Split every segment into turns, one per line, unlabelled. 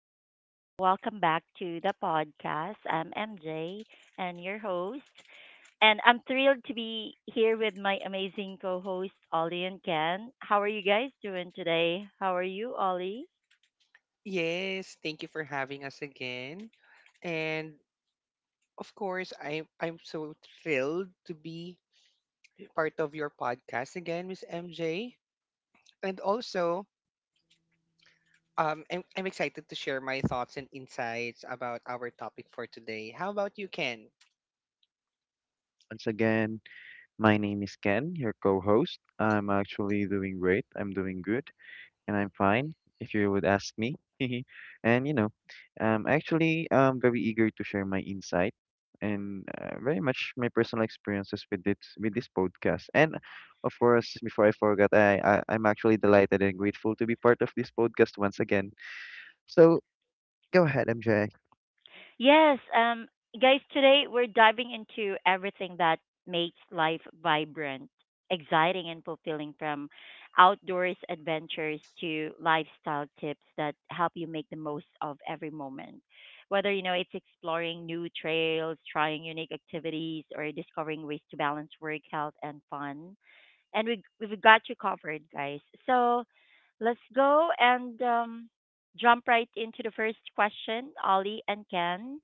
and welcome back to the podcast. I'm MJ and your host, and I'm thrilled to be here with my amazing co hosts, Ollie and Ken. How are you guys doing today? How are you, Ollie?
Yes, thank you for having us again. And of course, I'm so thrilled to be part of your podcast again, Miss MJ. And also, I'm excited to share my thoughts and insights about our topic for today. How about you, Ken?
Once again, my name is Ken, your co host. I'm actually doing great. I'm doing good and I'm fine, if you would ask me. and, you know, Actually, I'm very eager to share my insight and very much my personal experiences with this podcast. And of course, before I forget, I'm actually delighted and grateful to be part of this podcast once again. So go ahead, MJ.
Yes, um, guys, today we're diving into everything that makes life vibrant, exciting, and fulfilling from outdoors adventures to lifestyle tips that help you make the most of every moment. Whether you know it's exploring new trails, trying unique activities, or discovering ways to balance work, health, and fun, and we've got you covered, guys. So let's go and jump right into the first question, Ollie and Ken.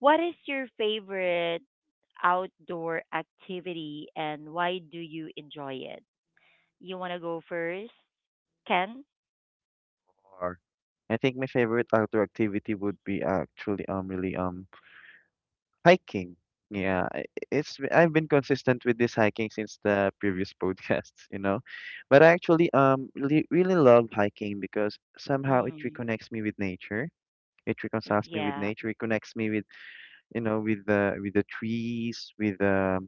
What is your favorite outdoor activity and why do you enjoy it? You want to go first, Ken?
Or I think my favorite outdoor activity would be actually really hiking. Yeah, I- it's I've been consistent with this hiking since the previous podcasts, you know. But I actually really, really love hiking because somehow it
Mm.
reconnects me with nature. It reconciles me with
Yeah.
nature. It connects me with, you know, with the trees, with the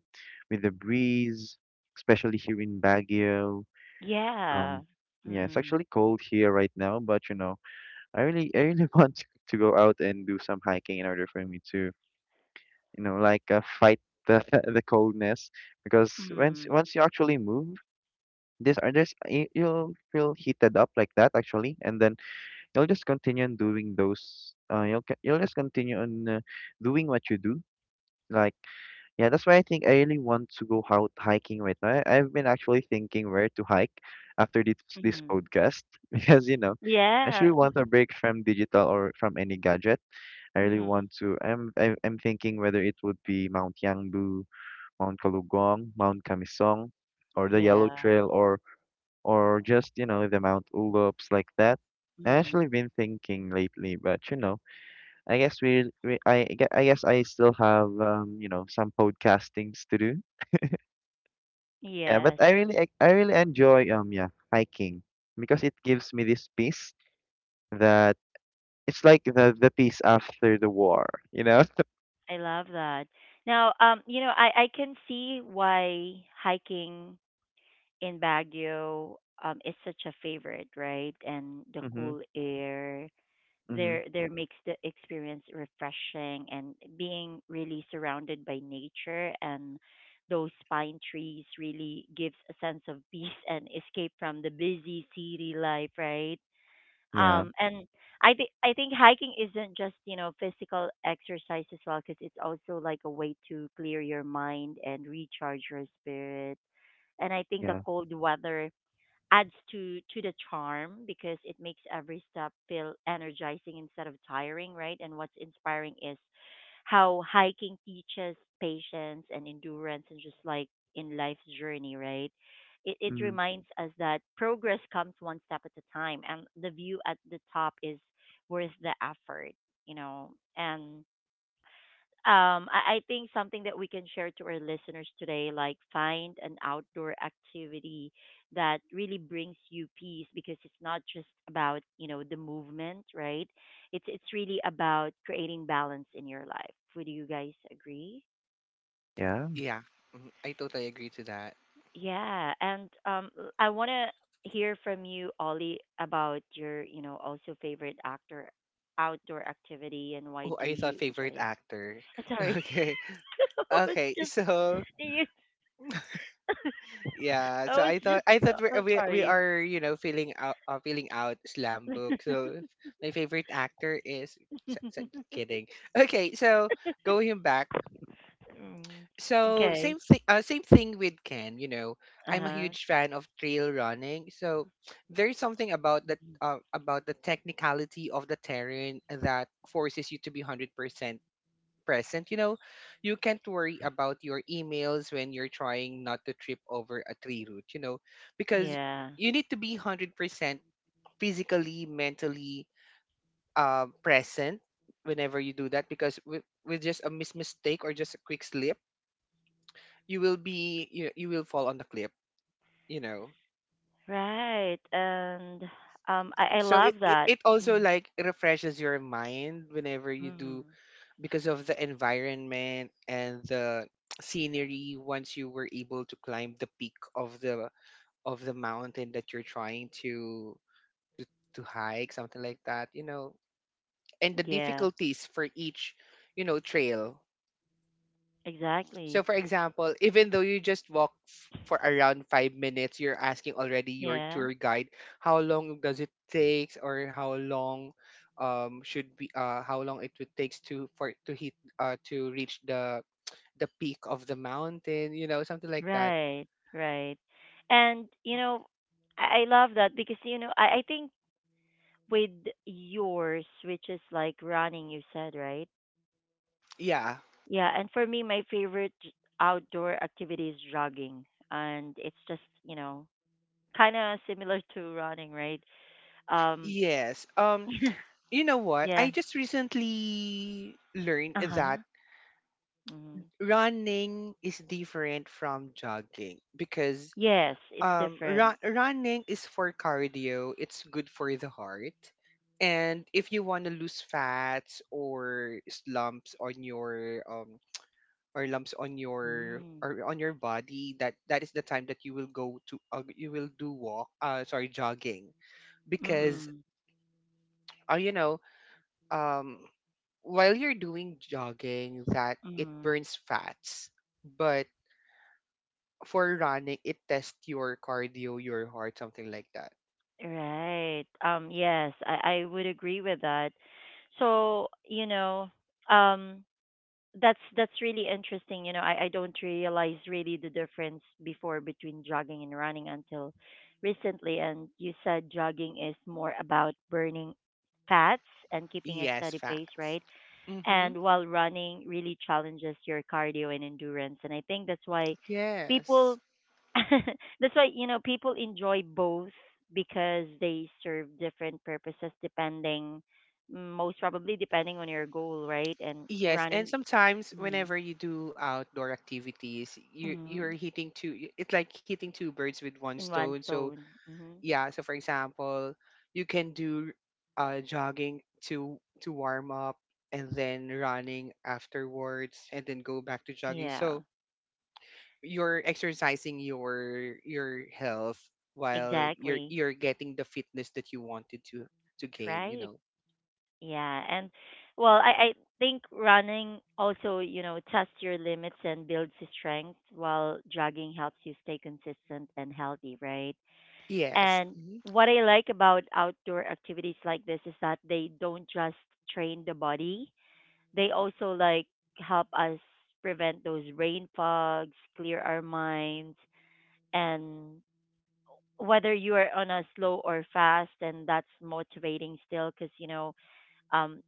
with the breeze, especially here in Baguio.
Yeah.
Um, yeah, it's
Mm.
actually cold here right now, but you know, I really want to go out and do some hiking in order for me to, you know, like fight the the coldness because once
Mm.
once you actually move, you'll feel heated up like that actually, and then you'll just continue on doing those. You'll just continue on doing what you do. Like yeah, that's why I think I really want to go out hiking right now. I've been actually thinking where to hike after this
Mm.
podcast because you know. I
Yeah.
actually want a break from digital or from any gadget. I really
Mm.
want to. I'm thinking whether it would be Mount Yangbu, Mount Kalugong, Mount Kamisong, or the Yellow
Yeah.
Trail, or just, you know, the Mount Ulups like that. I
Mm.
actually been thinking lately, but you know, I guess I guess I still have you know some podcastings to do. Yeah, but
Yes.
I really enjoy yeah hiking because it gives me this peace that it's like the peace after the war, you know.
I love that. Now, you know, I can see why hiking in Baguio is such a favorite, right? And the
Mhm.
cool air
Mhm.
there makes the experience refreshing, and being really surrounded by nature and those pine trees really gives a sense of peace and escape from the busy city life, right?
Yeah.
And I think hiking isn't just, you know, physical exercise as well, because it's also like a way to clear your mind and recharge your spirit. And I think the
Yeah.
cold weather adds to the charm because it makes every step feel energizing instead of tiring, right? And what's inspiring is how hiking teaches patience and endurance, and just like in life's journey, right, it
Mhm.
reminds us that progress comes one step at a time, and the view at the top is worth the effort, you know. And I think something that we can share to our listeners today, like, find an outdoor activity that really brings you peace, because it's not just about, you know, the movement, right? It's really about creating balance in your life. Would you guys agree?
Yeah.
Yeah, mhm, I totally agree to that.
Yeah, and I want to hear from you, Ollie, about your, you know, also favorite actor outdoor activity and why
Oh,
do
I thought
you
favorite
enjoy it?
actor.
Sorry,
Okay,
I was
okay.
just
So
you.
yeah,
I
so
was
I thought
just
I
so
thought we're,
oh,
we we
sorry.
are you know filling out feeling out slam book. So my favorite actor is s- s- kidding. Okay, so going back.
Mm,
So
okay.
same thing. Same thing with Ken. You know, I'm a
Uh-huh.
huge fan of trail running. So there's something
Mhm.
about the technicality of the terrain that forces you to be 100% present, you know, you can't worry about your emails when you're trying not to trip over a tree root, you know, because
Yeah.
you need to be 100% physically, mentally present whenever you do that because with just a mistake or just a quick slip, you will be, you will fall on the cliff, you know.
Right. And I
So it,
love
it,
that.
it also
Mm,
like refreshes your mind whenever you do
mm.
because of the environment and the scenery once you were able to climb the peak of the mountain that you're trying to to to hike, something like that, you know. And the
Yeah.
difficulties for each you know trail,
Exactly.
so for example even though you just walk for around 5 minutes you're asking already your
Yeah.
tour guide how long does it take, or how long should be how long it would takes to for to hit to reach the peak of the mountain, you know, something like that.
Right. Right. And you know, I love that because you know, I think with yours, which is like running, you said, right?
Yeah.
Yeah, and for me, my favorite outdoor activity is jogging, and it's just, you know, kind of similar to running, right? Um,
Yes, um, you know what?
yeah.
I just recently learned
Uh huh.
that
Mm.
running is different from jogging because
Yes, it's different.
running is for cardio, it's good for the heart. And if you want to lose fats or slumps on your or lumps on your
Mm.
or on your body, that is the time that you will go to you will do walk sorry jogging because
Mm.
uh, you know um, while you're doing jogging that it
Mm.
burns fats, but for running it tests your cardio, your heart, something like that.
Right. Yes, I would agree with that. So you know, um, that's really interesting. You know, I don't realize really the difference before between jogging and running until recently. And you said jogging is more about burning fats and keeping a
Yes,
steady pace,
fats.
right?
Mm-hmm.
And while running really challenges your cardio and endurance. And I think that's why people
Yes.
that's why, you know, people enjoy both because they serve different purposes depending most probably depending on your goal, right? And
Yes, and
running
sometimes
mm.
whenever you do outdoor activities, you're
Mm-hmm.
hitting two. It's like hitting two birds with one
In
stone.
one
So
stone. Mm-hmm.
yeah, so for example you can do jogging to warm up and then running afterwards and then go back to jogging,
Yeah,
so you're exercising your health while
exactly.
you're getting the fitness that you wanted to gain, you
Right.
know.
Yeah. And well, I think running also, you know, test your limits and builds your strength, while jogging helps you stay consistent and healthy, right?
Yes.
And
Mhm.
what I like about outdoor activities like this is that they don't just train the body, they also like help us prevent those brain fogs, clear our minds, and whether you are on a slow or fast, and that's motivating still because, you know, um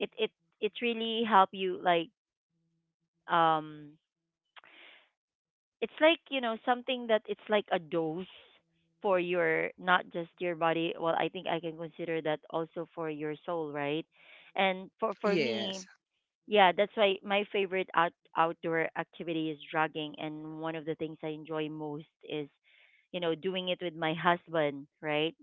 it it it really help you, like, um it's like, you know, something that it's like a dose for your not just your body. Well, I think I can consider that also for your soul, right? And for me,
Yes.
yeah, that's why my favorite outdoor activity is jogging, and one of the things I enjoy most is, you know, doing it with my husband, right?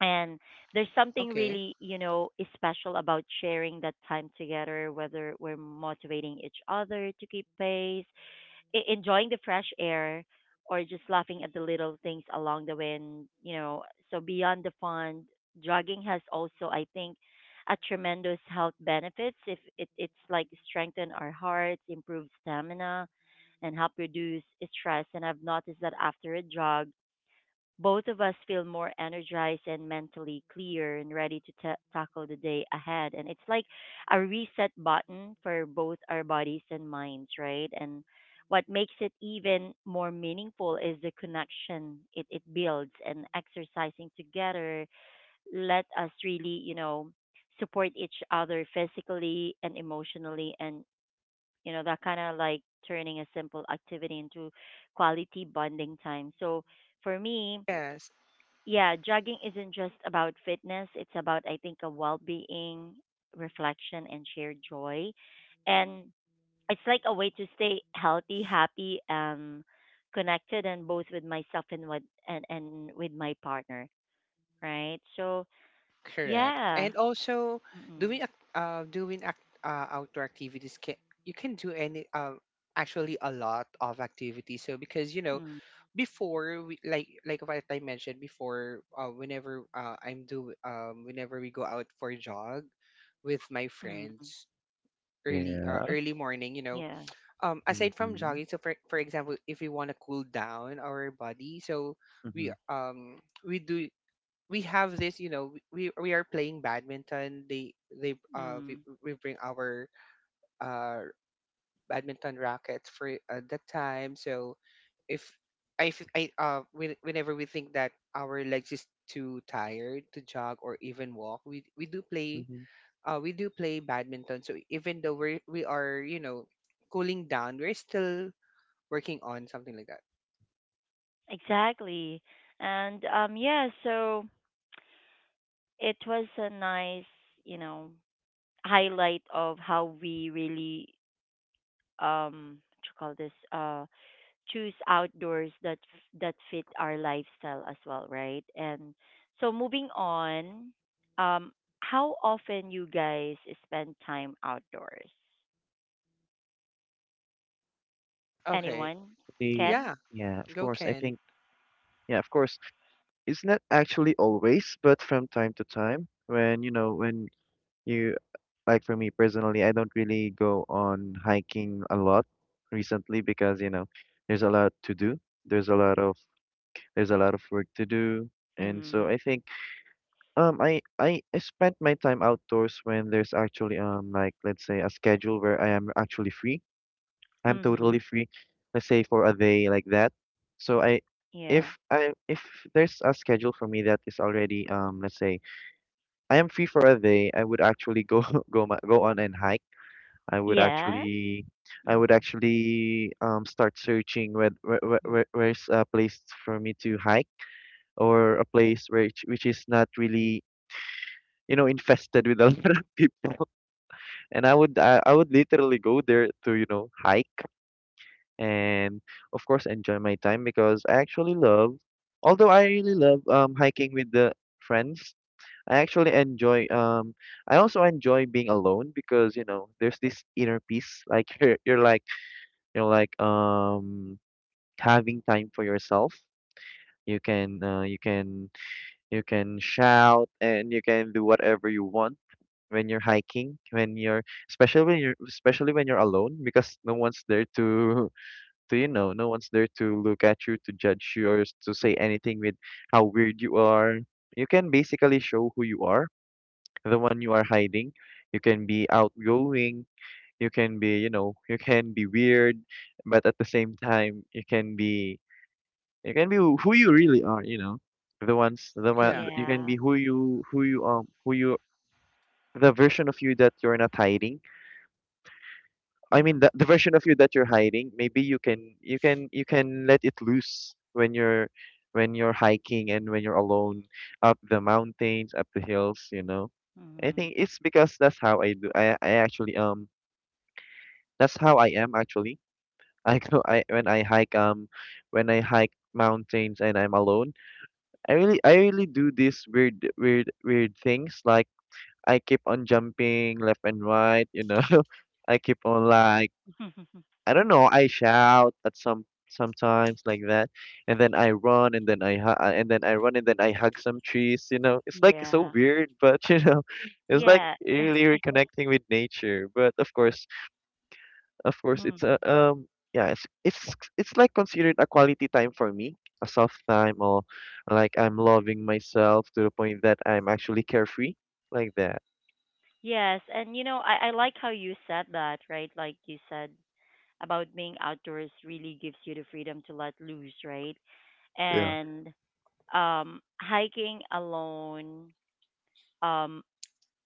And there's something
Okay.
really, you know, is special about sharing that time together, whether we're motivating each other to keep pace, enjoying the fresh air, or just laughing at the little things along the way. And you know, so beyond the fun, jogging has also, I think, a tremendous health benefits. If it's like strengthen our hearts, improve stamina, and help reduce stress. And I've noticed that after a jog, both of us feel more energized and mentally clear and ready to ta tackle the day ahead. And it's like a reset button for both our bodies and minds, right? And what makes it even more meaningful is the connection it builds, and exercising together let us really, you know, support each other physically and emotionally. And you know, that kind of like turning a simple activity into quality bonding time. So for me,
Yes.
yeah, jogging isn't just about fitness. It's about, I think, a well being, reflection, and shared joy. And it's like a way to stay healthy, happy, connected, and both with myself and with and with my partner, right? So
Correct.
yeah,
And also
mm
doing outdoor activities, can you can do any actually a lot of activities. So because you know
mm,
before we like what I mentioned before whenever I'm do whenever we go out for a jog with my
mm, mm.
friends,
Yeah.
early morning, you know,
yeah,
aside from
Mhm.
jogging. So, for example, if we want to cool down our body, we
Mhm.
um we do we have this, you know, we are playing badminton. They uh
mm,
we, we bring our uh badminton rackets for at that time. So if I, f- I when- whenever we think that our legs is too tired to jog or even walk,
Mhm.
we do play badminton, so even though we are you know cooling down, we're still working on something like that.
exactly. And yeah, so it was a nice, you know, highlight of how we really what you call this choose outdoors that that fit our lifestyle as well, right? And so moving on, um how often you guys spend time outdoors?
Okay.
Anyone?
Actually,
Ken?
Yeah,
yeah, of
go
course. I
Ken.
think, yeah, of course. It's not actually always, but from time to time, when you know, when you like, for me personally, I don't really go on hiking a lot recently because you know, there's a lot to do. There's a lot of work to do, and so
Mhm.
I think I spent my time outdoors when there's actually like let's say a schedule where I am actually free. I'm totally
Mhm.
free, let's say for a day like that. So
Yeah.
I if there's a schedule for me that is already let's say I am free for a day, I would actually go go on and hike. I would
Yeah.
actually
Mm.
start searching where's a place for me to hike or a place which is not really, you know, infested with a lot of people, and I would I would literally go there to, you know, hike and of course enjoy my time because I actually love, although I really love hiking with the friends, I actually enjoy I also enjoy being alone because you know there's this inner peace, like you're like having time for yourself. You can you can shout and you can do whatever you want when you're hiking, when you're especially when you're alone because no one's there to, you know, no one's there to look at you, to judge you, or to say anything with how weird you are. You can basically show who you are, the one you are hiding. You can be outgoing. You can be, you know, you can be weird, but at the same time, you can be who you really are. You know, the ones, the one,
Yeah,
you can be
Yeah.
who you, who you, who you, the version of you that you're not hiding. I mean,
Mm.
the version of you that you're hiding, maybe you can let it loose when you're hiking and when you're alone up the mountains, up the hills, you know. I think
Mm.
it's because that's how I do. I actually that's how I am actually. I go I When I hike when I hike mountains and I'm alone, I really do these weird things like I keep on jumping left and right, you know. I keep on like I don't know, I shout at sometimes like that, and then I run and then I run and then I hug some trees, you know. It's like so
Yeah.
weird, but you know, it's like
Yeah.
really reconnecting with nature. But of course, it's
Mm.
a yeah, it's like considered a quality time for me, a soft time, or like I'm loving myself to the point that I'm actually carefree like that.
Yes, and you know, I like how you said that, right? Like you said, about being outdoors really gives you the freedom to let loose, right?
Yeah.
And hiking alone, um,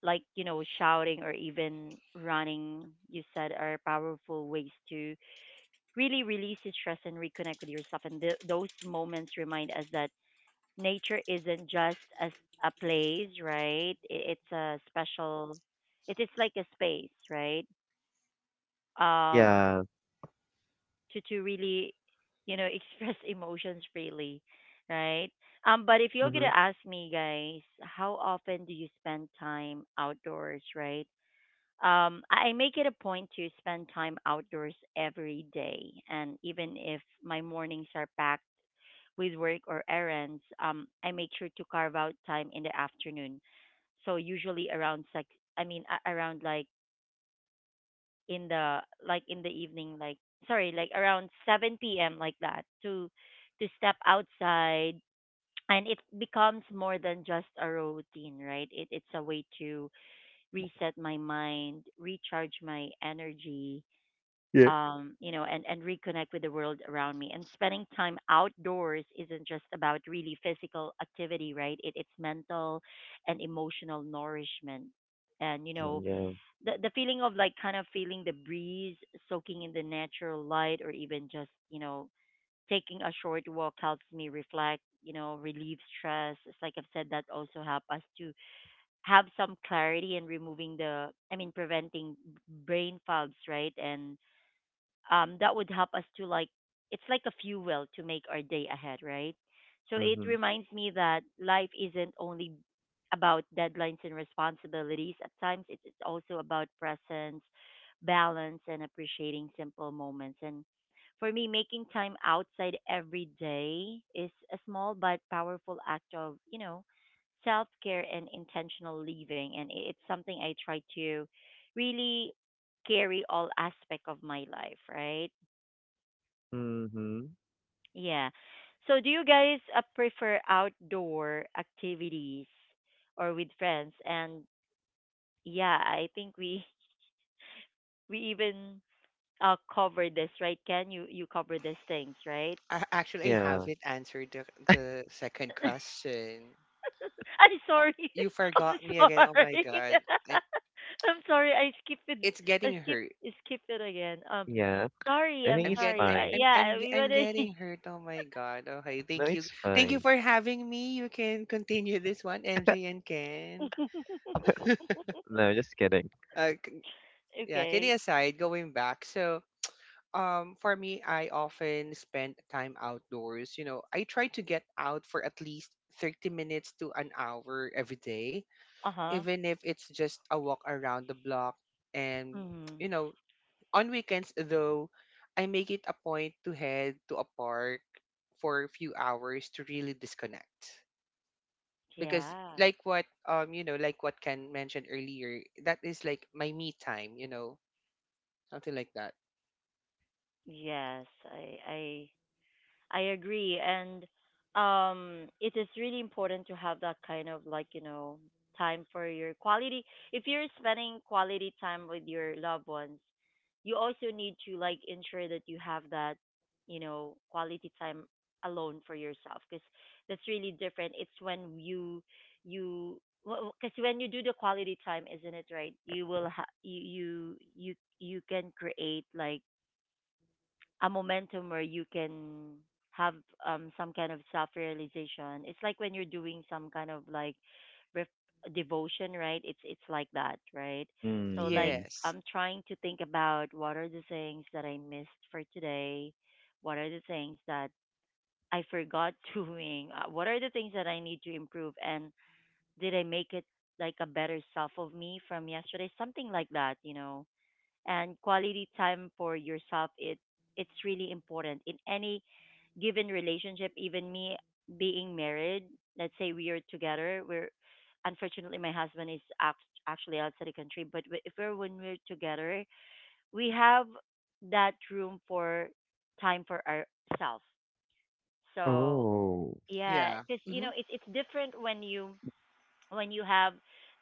like, you know, shouting or even running, you said, are powerful ways to really release the stress and reconnect with yourself. And those moments remind us that nature isn't just a place, right? It's a special, it's like a space, right? Um,
Yeah.
to really, you know, express emotions freely, right? But if you're
Mhm.
gonna ask me, guys, how often do you spend time outdoors, right? I make it a point to spend time outdoors every day, and even if my mornings are packed with work or errands, I make sure to carve out time in the afternoon. So usually around six, I mean around in the like in the evening, like, sorry, like around 7 p.m. like that, to step outside. And it becomes more than just a routine, right? It's a way to reset my mind, recharge my energy,
Yeah.
you know, and reconnect with the world around me. And spending time outdoors isn't just about really physical activity, right? It's mental and emotional nourishment. And you know,
Yeah.
the feeling of like kind of feeling the breeze, soaking in the natural light, or even just, you know, taking a short walk helps me reflect, you know, relieve stress. It's like I've said that also help us to have some clarity and removing the I mean preventing brain fogs, right? And that would help us to like it's like a fuel to make our day ahead, right? So it
Mhm.
reminds me that life isn't only about deadlines and responsibilities. At times, it is also about presence, balance, and appreciating simple moments. And for me, making time outside every day is a small but powerful act of, you know, self care and intentional living. And it's something I try to really carry all aspect of my life, right?
Mhm.
Yeah. So do you guys prefer outdoor activities or with friends? And yeah, I think we we even cover this, right? Ken, you cover these things, right?
I actually
Yeah.
haven't answered the second question.
I'm
Oh,
sorry.
you
I'm
forgot me again. Oh my
sorry.
god. I'm
I'm sorry. I skipped it.
it's getting hurt.
I skipped it again.
Yeah.
Sorry.
I
I'm
think
I'm
it's
get
sorry.
fine.
Yeah,
I'm ge-
we
I'm
wanna.
getting hurt. Oh my god. Okay,
No,
thank you.
it's
Thank you
fine.
for having me. You can continue this one, MJ and Ken.
No, just kidding.
Uh c- yeah, kidding
okay.
aside, going back. So for me I often spend time outdoors. You know, I try to get out for at least 30 minutes to an hour every day,
Uh huh.
even if it's just a walk around the block. And,
Mm-hmm.
you know, on weekends, though, I make it a point to head to a park for a few hours to really disconnect. Because,
Yeah.
like what Ken mentioned earlier, that is like my me time, you know, something like that.
Yes. I agree, and it is really important to have that kind of like, you know, time for your quality. If you're spending quality time with your loved ones, you also need to like ensure that you have that you know quality time alone for yourself, because that's really different. It's when you because when you do the quality time, isn't it right? You will you can create like a momentum where you can have some kind of self realization. It's like when you're doing some kind of like ref- devotion, right? It's like that, right? So like,
Mm-hmm.
Yes.
I'm trying to think about what are the things that I missed for today, what are the things that I forgot doing, what are the things that I need to improve, and did I make it like a better self of me from yesterday, something like that and quality time for yourself, it's really important in any given relationship. Even me being married, let's say we are together, we're unfortunately my husband is actually outside the country. But if we're when we're together we have that room for time for ourselves. So
Oh,
yeah,
Yeah.
because you
Hmm.
know it's different when you have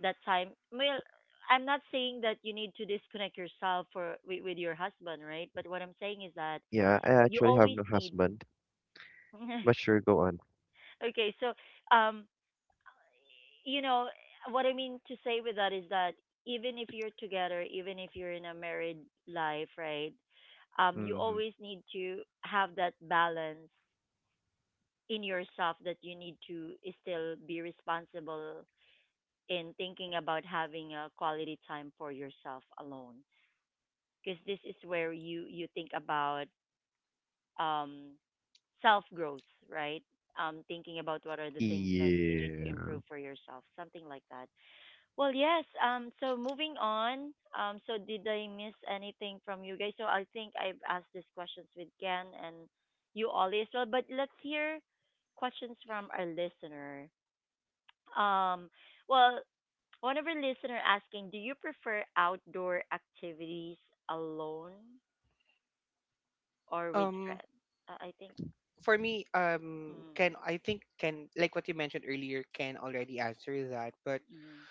that time. Well, I'm not saying that you need to disconnect yourself for with your husband, right? But what I'm saying is that
yeah, I
you
actually have
always
no
need.
husband, but sure, go on.
Okay, so um you know what I mean to say with that is that even if you're together, even if you're in a married life, right, you
Mm-hmm.
always need to have that balance in yourself, that you need to still be responsible in thinking about having a quality time for yourself alone. Because this is where you think about um self growth, right? Thinking about what are the things that you need to
Yeah.
improve for yourself, something like that. Well, yes, so moving on. So did I miss anything from you guys? So I think I've asked these questions with Ken and you all as well, but let's hear questions from our listener. um well, one of our listener asking, do you prefer outdoor activities alone or with
Um,
friends? I think,
for me, Ken,
mm,
I think Ken, like what you mentioned earlier, Ken already answered that. But
mm,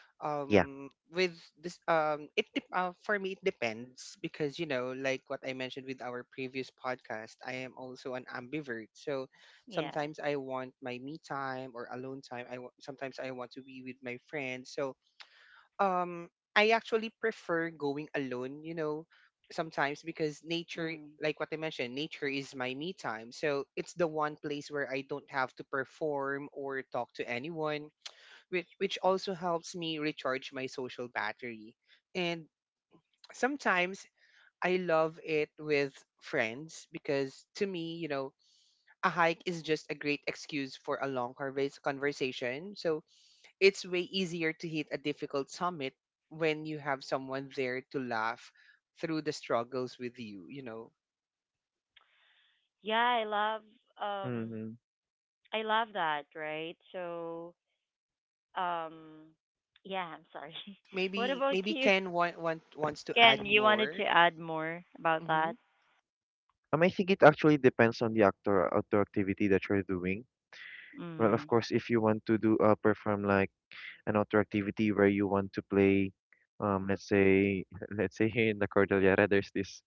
Yeah.
with this for me it depends because you know like what I mentioned with our previous podcast, I am also an ambivert. So
yeah,
sometimes I want my me time or alone time, sometimes I want to be with my friends. So um I actually prefer going alone, you know, sometimes because nature,
mm.
like what I mentioned, nature is my me time. So it's the one place where I don't have to perform or talk to anyone, which also helps me recharge my social battery. And sometimes I love it with friends because to me, you know, a hike is just a great excuse for a long conversation. So it's way easier to hit a difficult summit when you have someone there to laugh through the struggles with you, you know.
Yeah. Um,
Mm-hmm.
I love that, right? So, um, yeah. I'm sorry. What
Maybe
about
maybe
you,
Ken wants to add
Ken? You wanted to
more.
add more about
Hmm.
that?
I think it actually depends on the outdoor activity that you're doing. Well, of
Mm.
course, if you want to do perform like an outdoor activity where you want to play, let's say let's say here in the Cordillera, there's this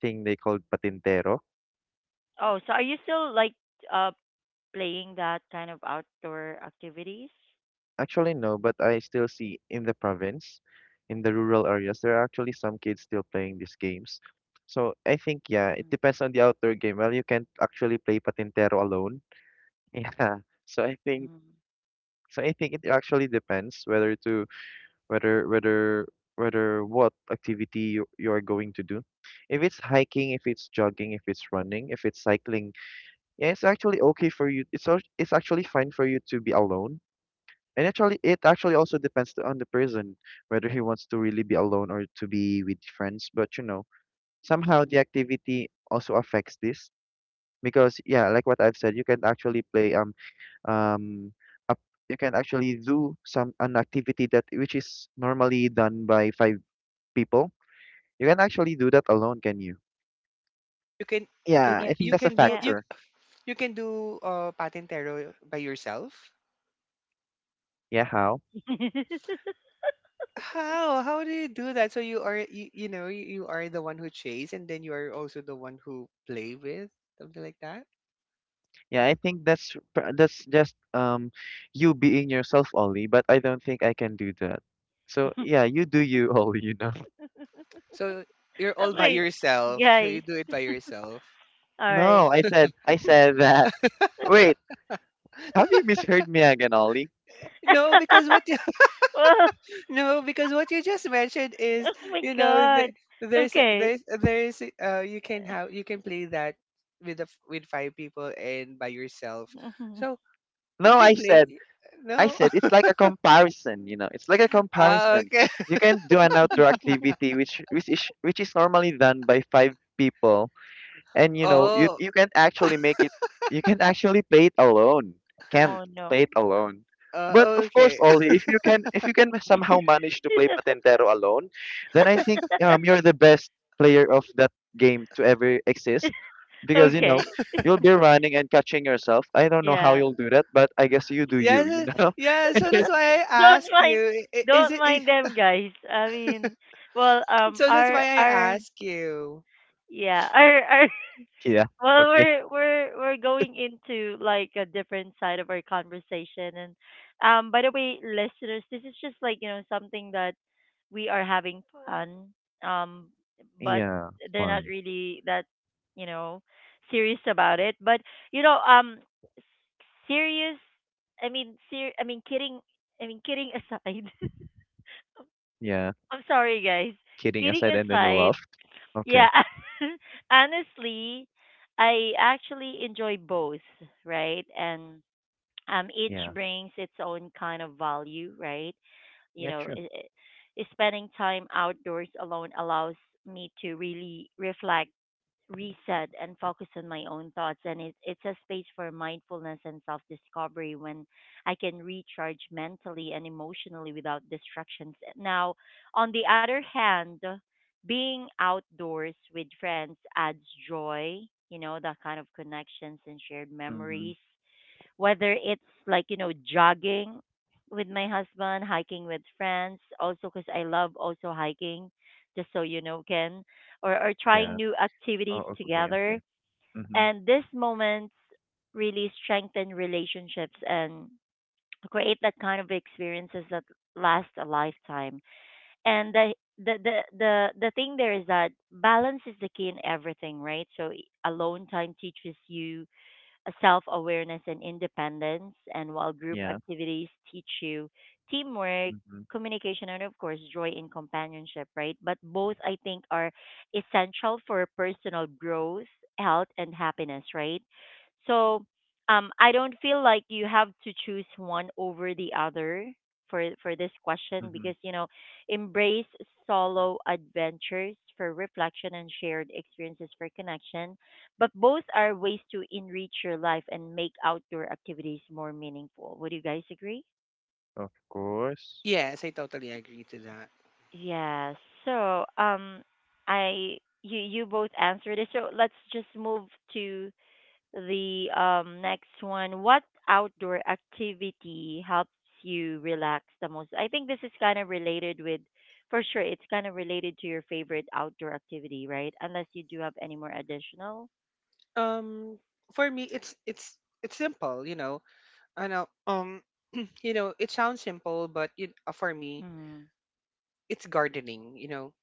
thing they called patintero.
Oh, so are you still like uh playing that kind of outdoor activities?
Actually, no, but I still see in the province, in the rural areas, there are actually some kids still playing these games. So I think, yeah, it
Mm,
depends on the outdoor game. Well, you can't actually play Patintero alone. Yeah. So I think,
mm,
so I think it actually depends whether to, whether, whether, whether what activity you are going to do. If it's hiking, if it's jogging, if it's running, if it's cycling, yeah, it's actually okay for you. It's actually fine for you to be alone, and actually, it actually also depends on the person whether he wants to really be alone or to be with friends. But you know, somehow
mm.
the activity also affects this because yeah, like what I've said, you can actually play um up you can actually do some an activity that which is normally done by five people. You can actually do that alone, can you?
You can
Yeah,
Yeah.
you
I think
you
that's a
can do
Yeah.
you
factor.
You can do patintero by yourself?
Yeah, how?
How? How do you do that? So you are you, you know, you are the one who chase and then you are also the one who play with, something like that.
Yeah, I think that's that's just you being yourself, Ollie, but I don't think I can do that. So
Okay,
yeah, you do you, Ollie, you know.
So you're all by yourself. So you
guys.
do it by yourself.
All right.
No, I said that. Wait, have you misheard me again, Ollie?
No, because what you —
Well,
no, because what you just mentioned is,
oh my
you know,
god. Okay.
there's you can have you can play that with the, with five people and by yourself.
Mhm.
So you
No,
can play —
I
no.
said it's like a comparison, you know. It's like a
Ah,
comparison.
okay.
You can do an outdoor activity which which is normally done by five people, and you know
Oh.
you can't actually make it. You can't actually play it alone. can't
Oh no.
play it alone But
Oh,
of course,
okay.
Ollie, if you can somehow manage to play Patentero alone, then I think you're the best player of that game to ever exist because you know
Okay.
you'll be running and catching yourself. I don't know how
Yeah.
you'll do that, but I guess you do
Yeah,
you, you
so —
know.
yeah. So that's why I
Don't
ask
mind
you. Is
don't
it?
mind them guys. I mean, well,
So that's why
our
I
our
ask you.
yeah, our
Yeah.
well,
Okay.
we're going into like a different side of our conversation, and by the way, listeners, this is just like something that we are having fun, um, but
Yeah,
they're not
fun.
really that you know serious about it. But you know, s- serious. I mean, I mean, kidding. I mean, kidding aside.
Yeah,
I'm sorry, guys.
kidding
Kidding
aside, and then you
aside.
laughed.
Yeah,
Okay.
honestly, I actually enjoy both, right? And each
Yeah.
brings its own kind of value, right? You
Yeah,
know,
true.
spending time outdoors alone allows me to really reflect, reset and focus on my own thoughts, and it's a space for mindfulness and self-discovery when I can recharge mentally and emotionally without distractions. Now on the other hand, being outdoors with friends adds joy, you know, that kind of connections and shared
Mm-hmm.
memories, whether it's like you know jogging with my husband, hiking with friends also because I love also hiking, just so you know Ken, or trying
Yeah.
new activities
Oh, okay, okay.
together,
Mhm.
and these moments really strengthen relationships and create that kind of experiences that last a lifetime. And the thing there is that balance is the key in everything, right? So alone time teaches you self awareness and independence. And while group
Yeah.
activities teach you teamwork,
Mhm.
communication, and of course, joy in companionship, right? But both, I think, are essential for personal growth, health, and happiness, right? So, I don't feel like you have to choose one over the other for this question,
Mhm.
because you know embrace solo adventures for reflection and shared experiences for connection, but both are ways to enrich your life and make outdoor activities more meaningful. Would you guys agree?
Of course.
Yes, I totally agree to that.
Yeah. So, I you you both answered it. So let's just move to the next one. What outdoor activity helps you relax the most? I think this is kind of related with, for sure, it's kind of related to your favorite outdoor activity, right? Unless you do have any more additional.
Um, for me, it's simple. You know, I know. You know, it sounds simple, but you, for me,
Mm,
it's gardening. You know,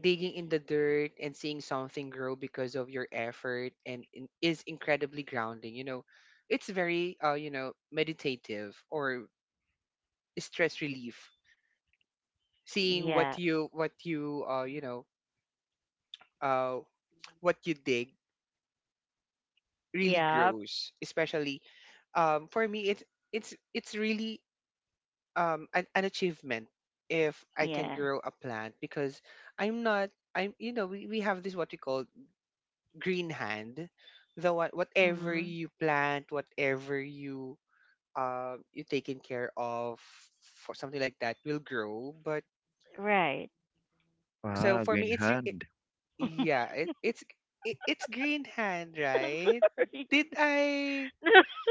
digging in the dirt and seeing something grow because of your effort and is incredibly grounding. You know, it's very you know, meditative or stress relief, seeing
yeah.
what you you know uh what you dig really
Yep.
grows, especially for me it's really an achievement if I can
Yeah.
grow a plant because I'm not I'm you know, we have this what we call green hand. The what whatever
Hmm.
you plant, whatever you you taken care of, for something like that will grow. But
Right.
so
Wow,
for
green
me it's
hand.
yeah, it's green hand,
I'm
right?
sorry.
Did I —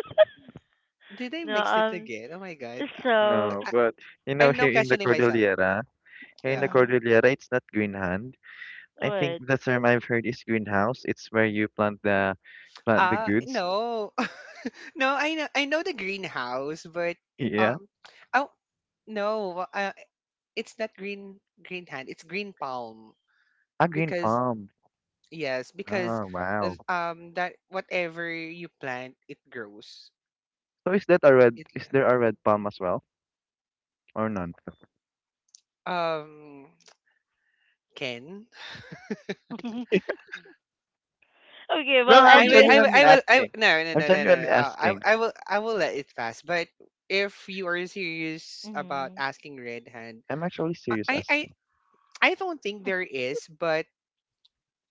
did I
No,
mix it again? Oh my god,
so,
No, but you know,
I'm now
here in the
questioning myself.
Cordillera, here in the
Yeah.
mm,
Cordillera, it's not green hand. I think
what?
the term I've heard is greenhouse. It's where you plant the goods.
No, no. I know the greenhouse, but
Yeah,
um, oh no, it's not green hand. It's green palm
a green
because
palm.
yes, because
Oh, wow.
that whatever you plant, it grows.
So is that a red?
It
Is there a red palm as well, or none?
um. Ken.
Okay,
No,
well,
I'm
I will,
anyway.
I will,
genuinely
I will, I
asking.
no, no,
I'm
no, no, no, no.
genuinely asking.
I will let it pass. But if you are serious about
Mm-hmm.
asking red hand,
I'm actually
I,
serious
I, I
asking.
I don't think there is. But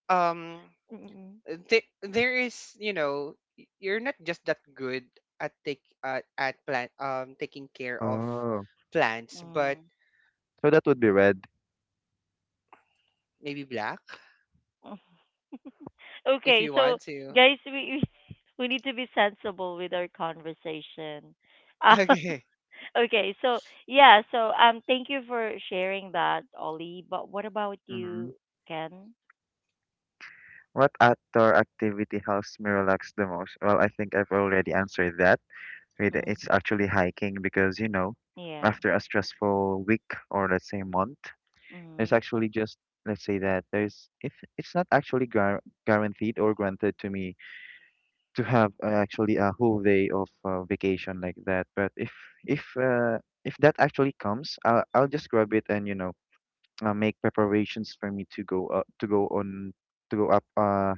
um,
Mm-mm.
there, there is. You know, y- you're not just that good at take, at plant, taking care of
Oh,
plants. But
Mm.
so that would be red.
maybe black, if
Okay,
you
so,
want to.
guys, we we need to be sensible with our conversation. Uh,
Okay.
okay, so, yeah, so, thank you for sharing that, Ollie. But what about
Mm-hmm.
you, Ken?
What outdoor activity helps me relax the most? Well, I think I've already answered that.
Mm,
It's actually hiking because, you know,
yeah.
after a stressful week or let's say month, there's
Mm,
actually just, let's say that if it's not actually gar guaranteed or granted to me to have actually a whole day of vacation like that. But if uh, if that actually comes, I'll just grab it and you know make preparations for me to go on to go up uh,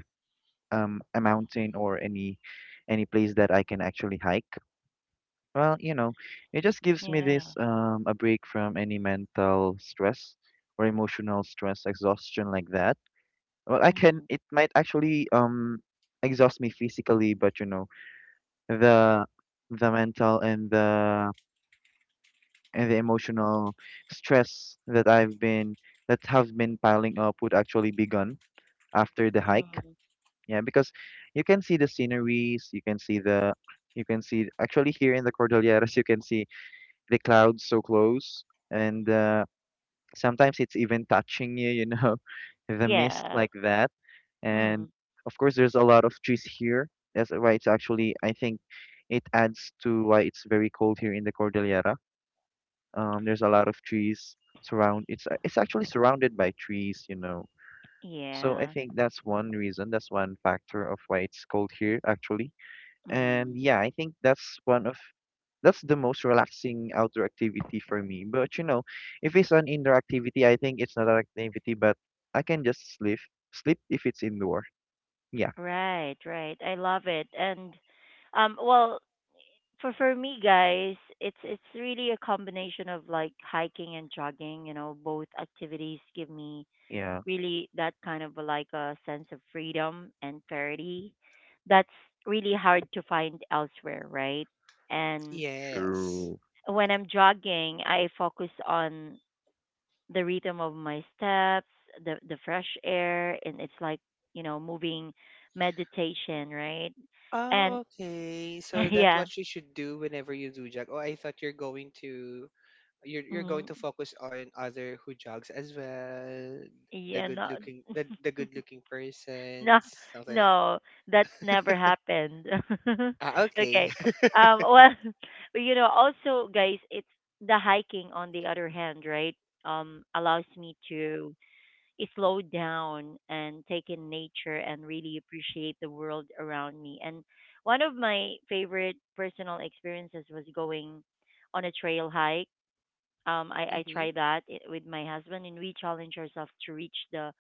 um a mountain or any place that I can actually hike. Well, you know, it just gives me this
yeah.
a break from any mental stress or emotional stress exhaustion like that. Well, I can
Mm,
it might actually exhaust me physically, but you know the the mental and the emotional stress that I've been that have been piling up would actually be gone after the hike.
mm.
Yeah, because you can see the sceneries, you can see the you can see actually here in the Cordilleras you can see the clouds so close and sometimes it's even touching you, you know, the mist
Yeah.
like that.
Mm.
And of course, there's a lot of trees here. That's why it's actually, I think it adds to why it's very cold here in the Cordillera. There's a lot of trees surround. It's actually surrounded by trees, you know. So I
Yeah.
think that's one reason, that's one factor of why it's cold here actually. And
Mm.
yeah, I think that's one of that's the most relaxing outdoor activity for me. But you know, if it's an indoor activity, I think it's not an activity, but I can just sleep if it's indoor. Yeah.
Right, right. I love it. And well, for me guys, it's really a combination of like hiking and jogging, you know, both activities give me
Yeah,
really that kind of like a sense of freedom and clarity that's really hard to find elsewhere, right? And
Yes.
true.
when I'm jogging, I focus on the rhythm of my steps, the fresh air, and it's like you know moving meditation, right? And
Oh, okay. So that's
yeah,
what you should do whenever you do jog. Oh, I thought you're going to — you're going
mm,
to focus on other who jogs as well,
yeah, no,
the good looking
no,
persons, something like.
no, that's never happened.
Ah, okay.
Okay, well, you know, also guys, it's the hiking on the other hand, right? Allows me to slow down and take in nature and really appreciate the world around me. And one of my favorite personal experiences was going on a trail hike. I
Mm-hmm.
tried that with my husband, and we challenged ourselves to reach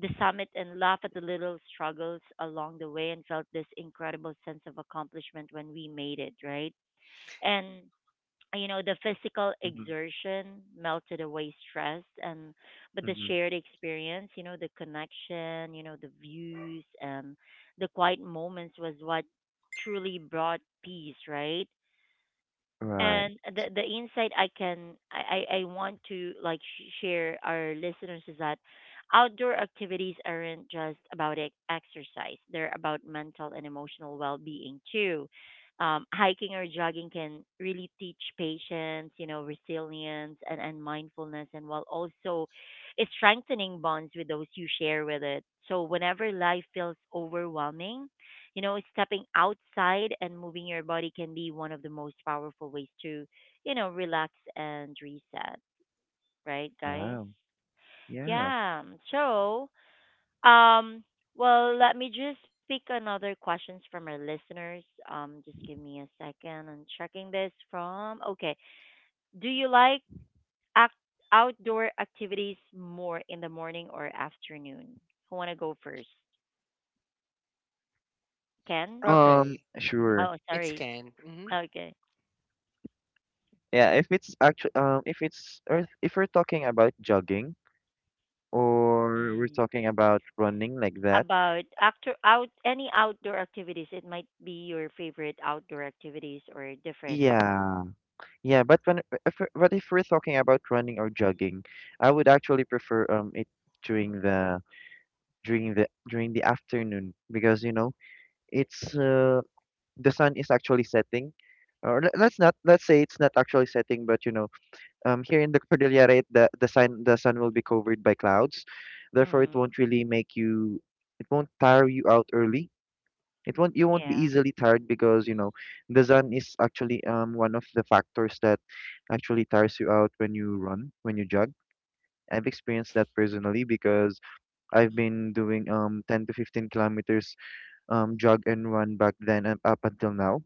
the summit and laugh at the little struggles along the way and felt this incredible sense of accomplishment when we made it, right? And you know the physical
Hmm.
exertion melted away stress and but the
Hmm.
shared experience, you know, the connection, you know, the views and the quiet moments was what truly brought peace, right?
Right.
And the insight I can I want to like share our listeners is that outdoor activities aren't just about exercise; they're about mental and emotional well-being too. Hiking or jogging can really teach patience, you know, resilience and mindfulness, and while also it's strengthening bonds with those you share with it. So whenever life feels overwhelming, you know, stepping outside and moving your body can be one of the most powerful ways to, you know, relax and reset, right, guys?
Wow. Yeah.
Yeah. So, um, well, let me just pick another questions from our listeners. Just give me a second. I'm checking this from. Okay. Do you like act outdoor activities more in the morning or afternoon? Who wanna go first? Ken?
Okay. Mm-hmm.
Sure.
Oh,
It's
sorry.
can. Mm-hmm.
Okay.
Yeah, if it's actually if it's or if we're talking about jogging or we're
Mm.
talking about running like that,
About actor out any outdoor activities. It might be your favorite outdoor activities or different.
yeah. Yeah, but when if we're talking about running or jogging, I would actually prefer it during the during the afternoon because you know it's the sun is actually setting, or let's not let's say it's not actually setting, but you know here in the Cordillera it, the sun will be covered by clouds, therefore
Mm.
it won't really make you it won't tire you out early it won't you won't be
Yeah.
easily tired because you know the sun is actually one of the factors that actually tires you out when you run, when you jog. I've experienced that personally because I've been doing 10 to 15 kilometers jog and run back then and up until now.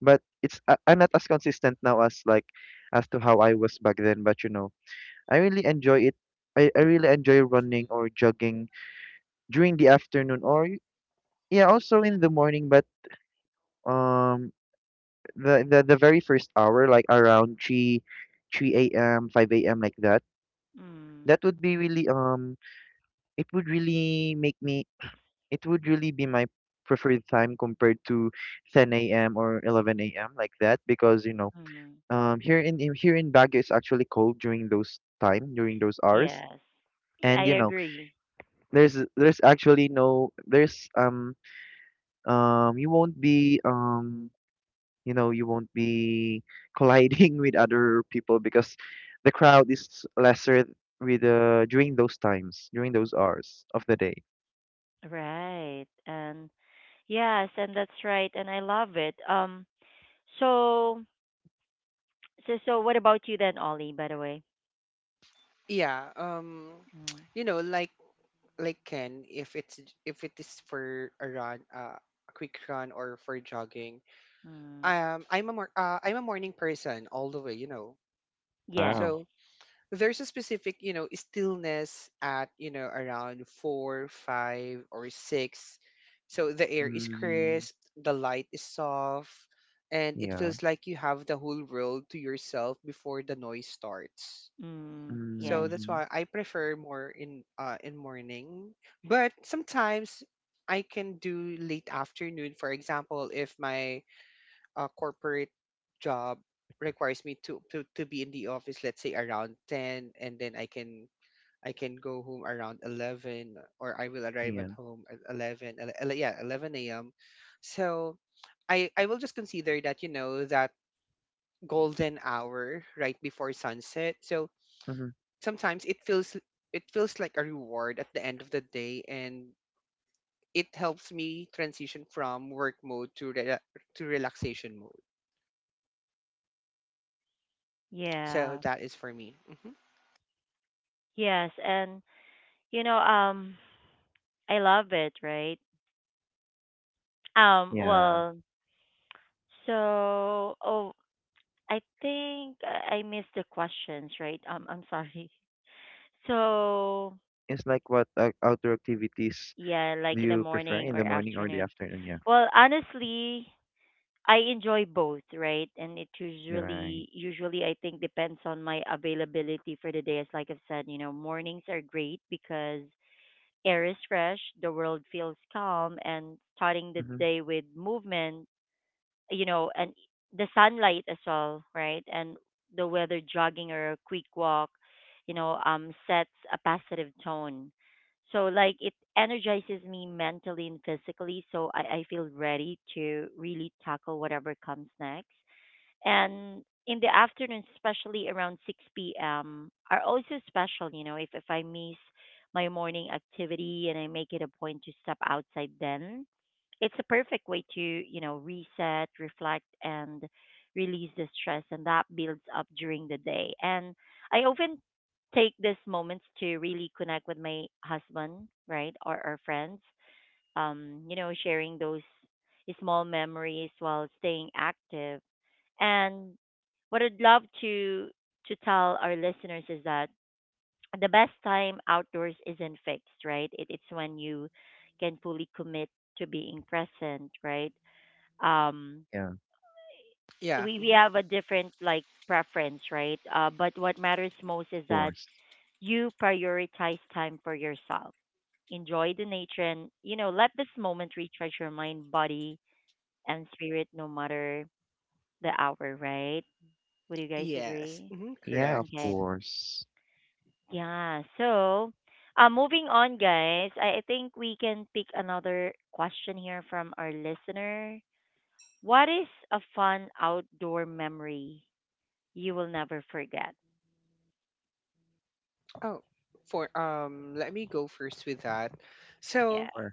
But it's I'm not as consistent now as like as to how I was back then, but you know, I really enjoy it. I really enjoy running or jogging during the afternoon or yeah, also in the morning, but um the very first hour, like around three a.m., five a.m. like that.
Mm.
That would be really it would really make me it would really be my preferred time compared to ten a.m. or 11 a.m. like that because you know
Mm.
here in here in Baguio it's actually cold during those time during those hours
Yes. I
and you know
agree.
there's actually there's you won't be you know you won't be colliding with other people because the crowd is lesser with during those times during those hours of the day.
Right. And yes, and that's right. And I love it. So so what about you then, Ollie, by the way?
Yeah. Um.
Mm.
You know, like Ken, if it's if it is for a run, a quick run or for jogging,
Mm.
I'm a I'm a morning person all the way, you know.
Yes.
Wow.
So there's a specific, you know, stillness at you know around 4, 5, or 6. So the air is
Mm,
crisp, the light is soft, and it
yeah.
feels like you have the whole world to yourself before the noise starts.
Mm.
So
Yes.
that's
Mm,
why I prefer more in morning. But sometimes I can do late afternoon. For example, if my corporate job requires me to, to be in the office, let's say around 10, and then I can — I can go home around 11, or I will arrive
yeah.
at home at 11. Yeah, 11 a.m. So I will just consider that you know that golden hour right before sunset. So
Hmm.
sometimes it feels like a reward at the end of the day, and it helps me transition from work mode to to relaxation mode. So
Yeah.
that is for me. Hmm.
Yes, and you know, I love it, right?
Yeah,
Well, so oh, I think I missed the questions, right? I'm sorry. So,
it's like what outdoor activities
yeah,
do
like in the
you prefer
morning
in
or
the morning or the
afternoon.
afternoon, yeah.
Well, honestly, I enjoy both, right? And it
You're right.
usually I think depends on my availability for the day. As like I've said, you know, mornings are great because air is fresh, the world feels calm, and starting the
Hmm.
day with movement, you know, and the sunlight as well, right? And the weather jogging or a quick walk, you know, sets a positive tone. So like it energizes me mentally and physically, so I feel ready to really tackle whatever comes next, and in the afternoon, especially around 6 p.m., are also special. You know, if I miss my morning activity and I make it a point to step outside then, it's a perfect way to, you know, reset, reflect, and release the stress. And that builds up during the day. And I often take these moments to really connect with my husband, right, or friends, you know, sharing those small memories while staying active, and what I'd love to tell our listeners is that the best time outdoors isn't fixed, right? It's when you can fully commit to being present, right? Um,
Yeah,
Yeah.
we
Hmm.
have a different like preference, right? But what matters most is
of
that
course.
you prioritize time for yourself, enjoy the nature, and you know let this moment recharge your mind, body, and spirit, no matter the hour, right? Would you guys
Yes.
agree?
Hmm.
Yeah, of
Correct.
Okay.
course.
Yeah. So, moving on, guys. I think we can pick another question here from our listener. What is a fun outdoor memory you will never forget?
Oh, for let me go first with that.
Yeah.
So
Or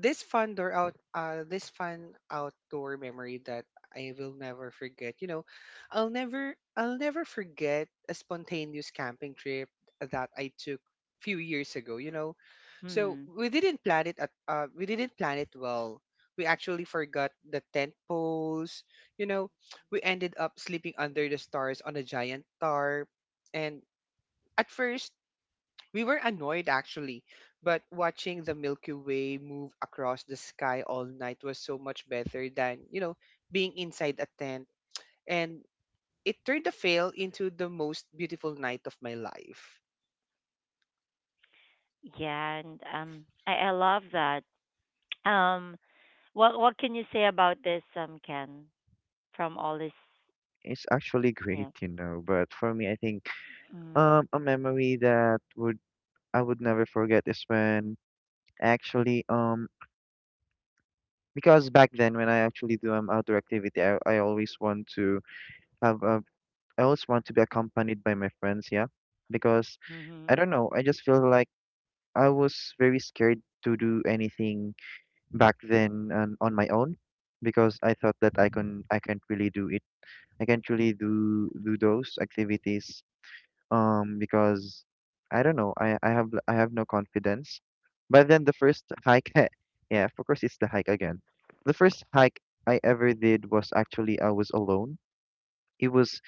this fun outdoor memory that I will never forget. You know, I'll never forget a spontaneous camping trip that I took few years ago, you know. So
Hmm.
we didn't plan it at we didn't plan it well. We actually forgot the tent poles, you know, we ended up sleeping under the stars on a giant tarp, and at first we were annoyed actually, but watching the Milky Way move across the sky all night was so much better than, you know, being inside a tent. And it turned the fail into the most beautiful night of my life.
Yeah, and I love that. Um, what can you say about this, Ken? From all this,
it's actually great
yeah.
you know but for me I think
Mm.
a memory that would I would never forget is when actually because back then when I actually do outdoor activity I always want to have a I always want to be accompanied by my friends, yeah, because I
Mm-hmm.
don't know I just feel like I was very scared to do anything back then on my own because I thought that I can't really do it I can't really do those activities because I don't know I have no confidence but then the first hike yeah of course it's the hike again the first hike I ever did was actually I was alone it was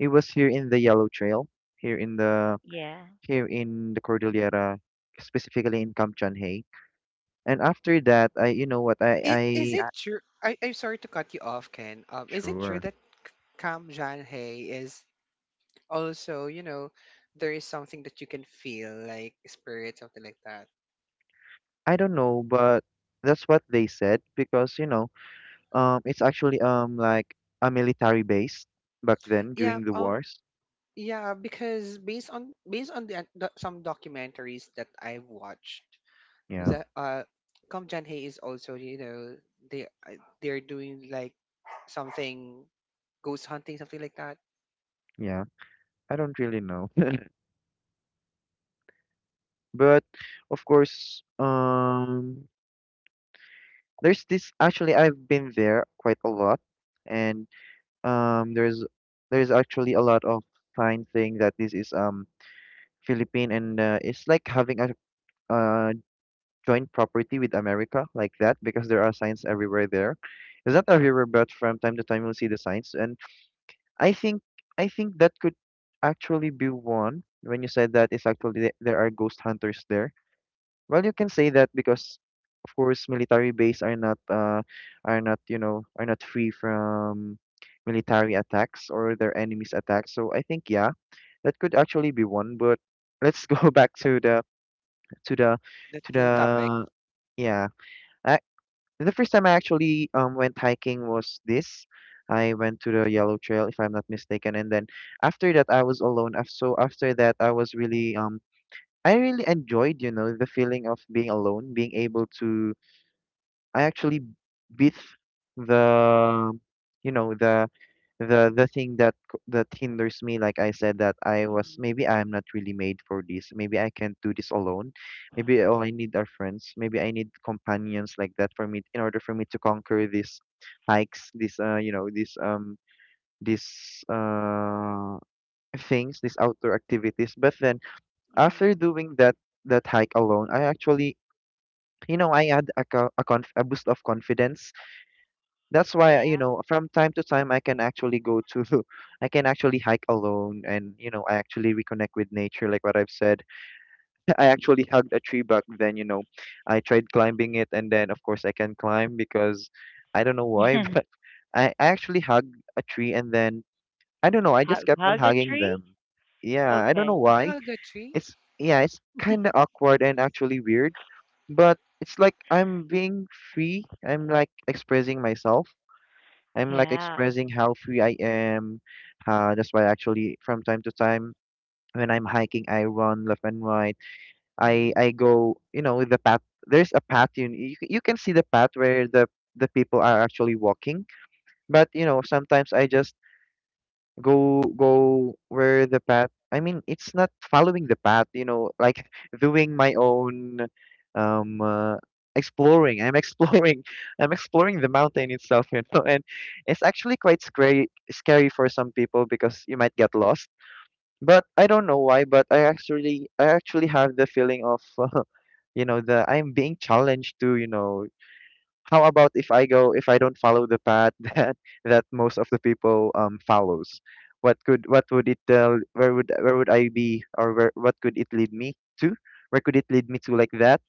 it was here in the Yellow Trail here in the
Yeah.
here in the Cordillera specifically in Kamchanhay and after that I you know what
Is, is
I
it true?
I-
I'm sorry to cut you off, Ken. Is it true that
sure.
Kam Jan Hey is also, you know, there is something that you can feel, like spirit, something like that?
I don't know but that's what they said because you know um, it's actually like a military base back then
Yeah,
during the wars.
yeah, because based on the some documentaries that I've watched,
Yeah,
the Kom Jan Hay is also, you know, they they're doing like something, ghost hunting, something like that.
yeah. I don't really know. But of course, there's this actually I've been there quite a lot, and um, there's there's actually a lot of sign saying that this is Philippine and it's like having a uh joint property with America like that because there are signs everywhere there. It's not everywhere, but from time to time you'll see the signs and I think I think that could actually be one when you said that it's actually there are ghost hunters there. Well, you can say that because of course military base are not you know are not free from military attacks or their enemies attacks. So I think yeah, that could actually be one. But let's go back to the to the
That's
to
the
the
topic.
yeah. The first time I actually went hiking was this. I went to the Yellow Trail, if I'm not mistaken, and then after that I was alone. So after that I was really I really enjoyed, you know, the feeling of being alone, being able to I actually beat the you know the thing that that hinders me, like I said that I was
Mm-hmm.
maybe I'm not really made for this, maybe I can't do this alone, maybe all I need are friends, maybe I need companions like that for me in order for me to conquer these hikes these you know these uh things these outdoor activities. But then
Mm-hmm.
after doing that that hike alone I actually you know I had a boost of confidence. That's why
Yeah.
you know from time to time I can actually go to I can actually hike alone and you know I actually reconnect with nature like what I've said. I actually hugged a tree back then you know I tried climbing it and then of course I can climb because I don't know why but I actually hugged a tree and then I don't know I
Hug,
just kept on
hug a
hugging
tree.
them. Yeah I don't
Okay.
know why.
Hagatri.
It's yeah it's kind of awkward and actually weird but it's like I'm being free, I'm like expressing myself, I'm like
Yeah.
expressing how free I am. That's why actually from time to time when I'm hiking, I run left and right.
Mm.
I go, you know, with the path. There's a path you can see the path where the people are actually walking. But you know, sometimes I just go where the path, I mean, it's not following the path, you know, like doing my own um uh, exploring. I'm exploring I'm exploring the mountain itself you know and it's actually quite scary for some people because you might get lost but I don't know why but I actually have the feeling of you know the I'm being challenged to you know, how about if I go if I don't follow the path that that most of the people follows? What could what would it tell? Where would I be, or where what could it lead me to? Where could it lead me to like that?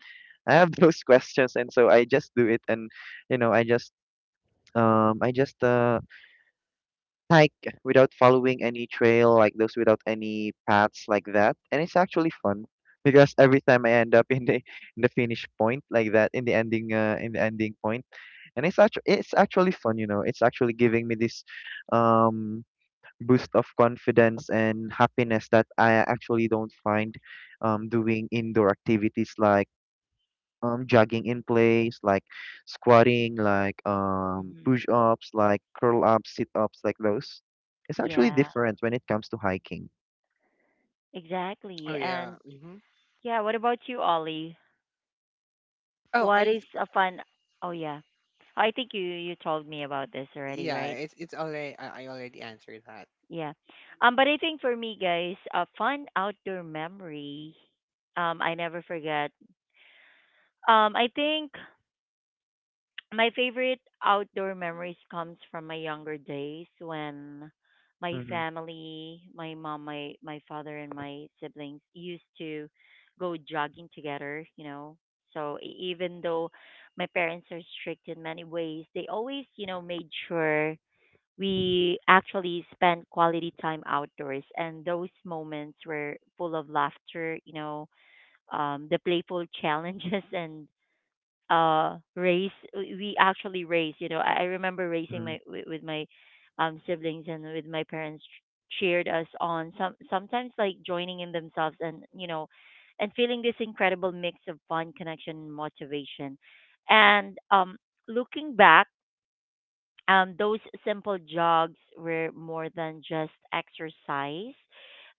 I have those questions, and so I just do it, and you know I just hike without following any trail like those, without any paths like that, and it's actually fun because every time I end up in the finish point like that in the ending point and it's actually fun, you know. It's actually giving me this um boost of confidence and happiness that I actually don't find doing indoor activities like jogging in place, like squatting, like
Hmm.
push-ups, like curl-ups, sit-ups, like those. It's actually
Yeah,
different when it comes to hiking.
exactly.
Oh
And
yeah. Hmm.
yeah, what about you, Ollie?
Oh,
What
I
is a fun? Oh yeah, I think you told me about this already,
yeah.
right?
It's already, I already answered that.
Yeah. But I think for me, guys, a fun outdoor memory. I never forget. I think. My favorite outdoor memories comes from my younger days when my
Mm-hmm.
family, my mom, my father and my siblings used to go jogging together, you know. So even though my parents are strict in many ways, they always, you know, made sure we actually spent quality time outdoors, and those moments were full of laughter, you know, the playful challenges and raise we actually raise, you know, I remember raising
Hmm.
my with my siblings, and with my parents cheered us on, sometimes like joining in themselves, and you know, and feeling this incredible mix of fun, connection and motivation. And looking back, those simple jogs were more than just exercise.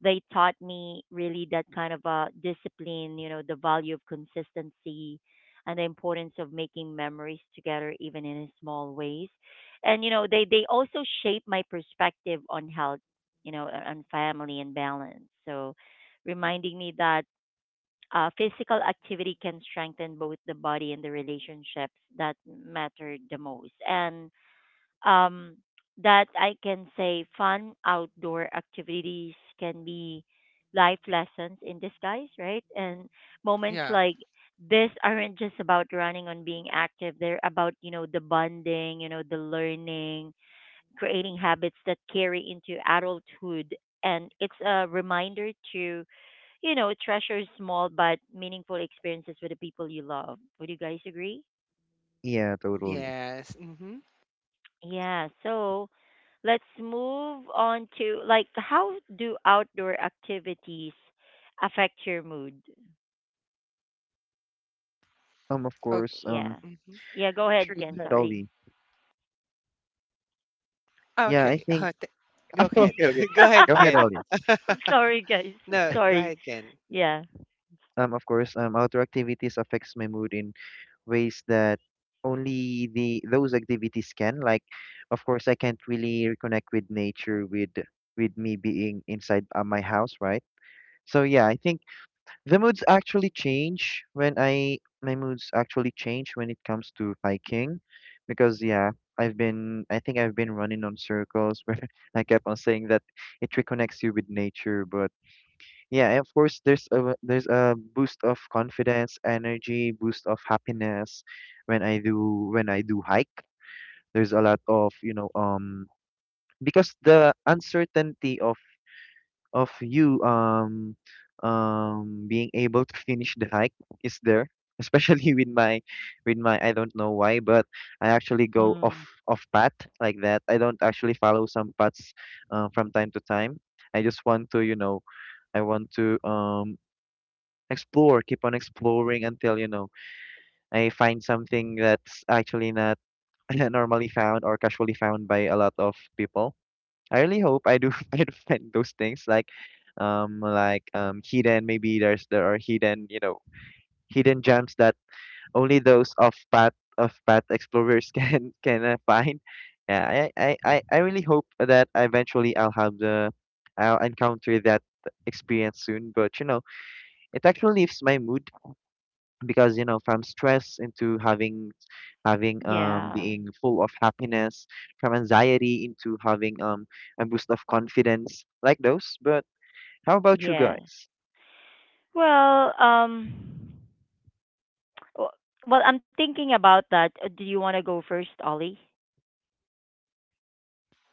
They taught me really that kind of a discipline, you know, the value of consistency and the importance of making memories together, even in small ways. And, you know, they also shaped my perspective on health, you know, on family and balance. So, reminding me that physical activity can strengthen both the body and the relationships that matter the most. And um, that I can say fun outdoor activities can be life lessons in disguise, right? And moments
Yeah.
like this aren't just about running and being active. They're about, you know, the bonding, you know, the learning, creating habits that carry into adulthood. And it's a reminder to, you know, treasure small but meaningful experiences with the people you love. Would you guys agree?
Yeah, totally.
Yes. Mm-hmm.
Yeah, so let's move on to like, how do outdoor activities affect your mood?
Of
Oh,
course.
Yeah.
mm-hmm.
Yeah, go ahead
Sure. Go
again,
ahead,
sorry.
Ollie. Yeah, I
Okay.
think.
Go
I'm
ahead.
Okay, okay.
go ahead,
Go ahead,
Ken.
Ollie.
sorry, guys. I'm
no, go
sorry.
ahead, Ken.
Yeah.
Um, of course, outdoor activities affects my mood in ways that only the those activities can. Like, of course, I can't really reconnect with nature with me being inside my house, right? So yeah, I think the moods actually change when I my moods actually change when it comes to hiking, because yeah, I think I've been running on circles where I kept on saying that it reconnects you with nature, but yeah, and of course, there's a boost of confidence, energy, boost of happiness when I do hike. There's a lot of, because the uncertainty of you being able to finish the hike is there, especially with my I don't know why, but I actually go off
Mm,
off path like that. I don't actually follow some paths from time to time. I just want to, I want to explore, keep on exploring until, you know, I find something that's actually not normally found or casually found by a lot of people. I really hope I do I do find those things like hidden, maybe there are hidden, you know, hidden gems that only those of path explorers can find. Yeah, I really hope that eventually I'll have the I'll encounter that experience soon, but you know, it actually lifts my mood because you know, from stress into having
yeah.
being full of happiness, from anxiety into having a boost of confidence like those. But how about you
Yeah.
guys?
Well, w- well, I'm thinking about that. Do you want to go first, Ollie?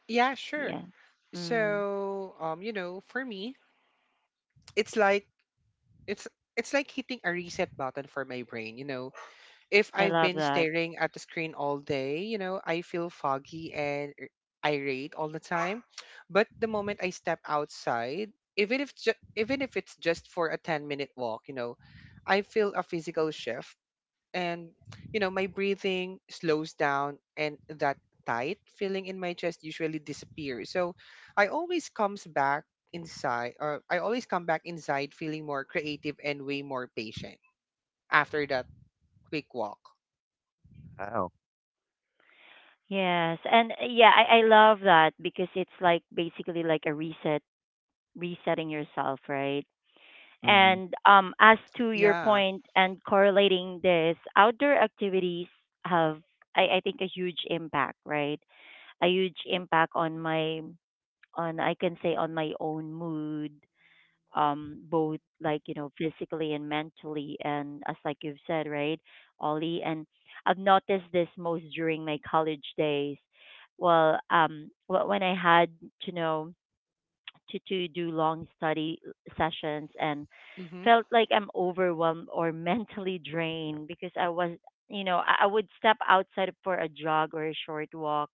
Yeah, sure.
Yeah. Mm,
So, you know, for me, it's like it's it's like hitting a reset button for my brain, you know. If I've
I
been
love that.
staring at the screen all day, you know, I feel foggy and irate all the time. But the moment I step outside, even if ju- even if it's just for a 10-minute walk, you know, I feel a physical shift, and you know my breathing slows down and that tight feeling in my chest usually disappears. So i always comes back I always come back inside feeling more creative and way more patient after that quick walk.
Oh.
Yes, and yeah, I love that because it's like basically like a reset, resetting yourself, right?
Mm-hmm.
And as to your
Yeah.
point and correlating this, outdoor activities have, I think, a huge impact, right? A huge impact on my, on, I can say, on my own mood, both, like you know, physically and mentally, and as like you've said, right, Ollie. And I've noticed this most during my college days, well when I had to know to do long study sessions and
Mm-hmm.
felt like I'm overwhelmed or mentally drained, because I was, you know, I would step outside for a jog or a short walk,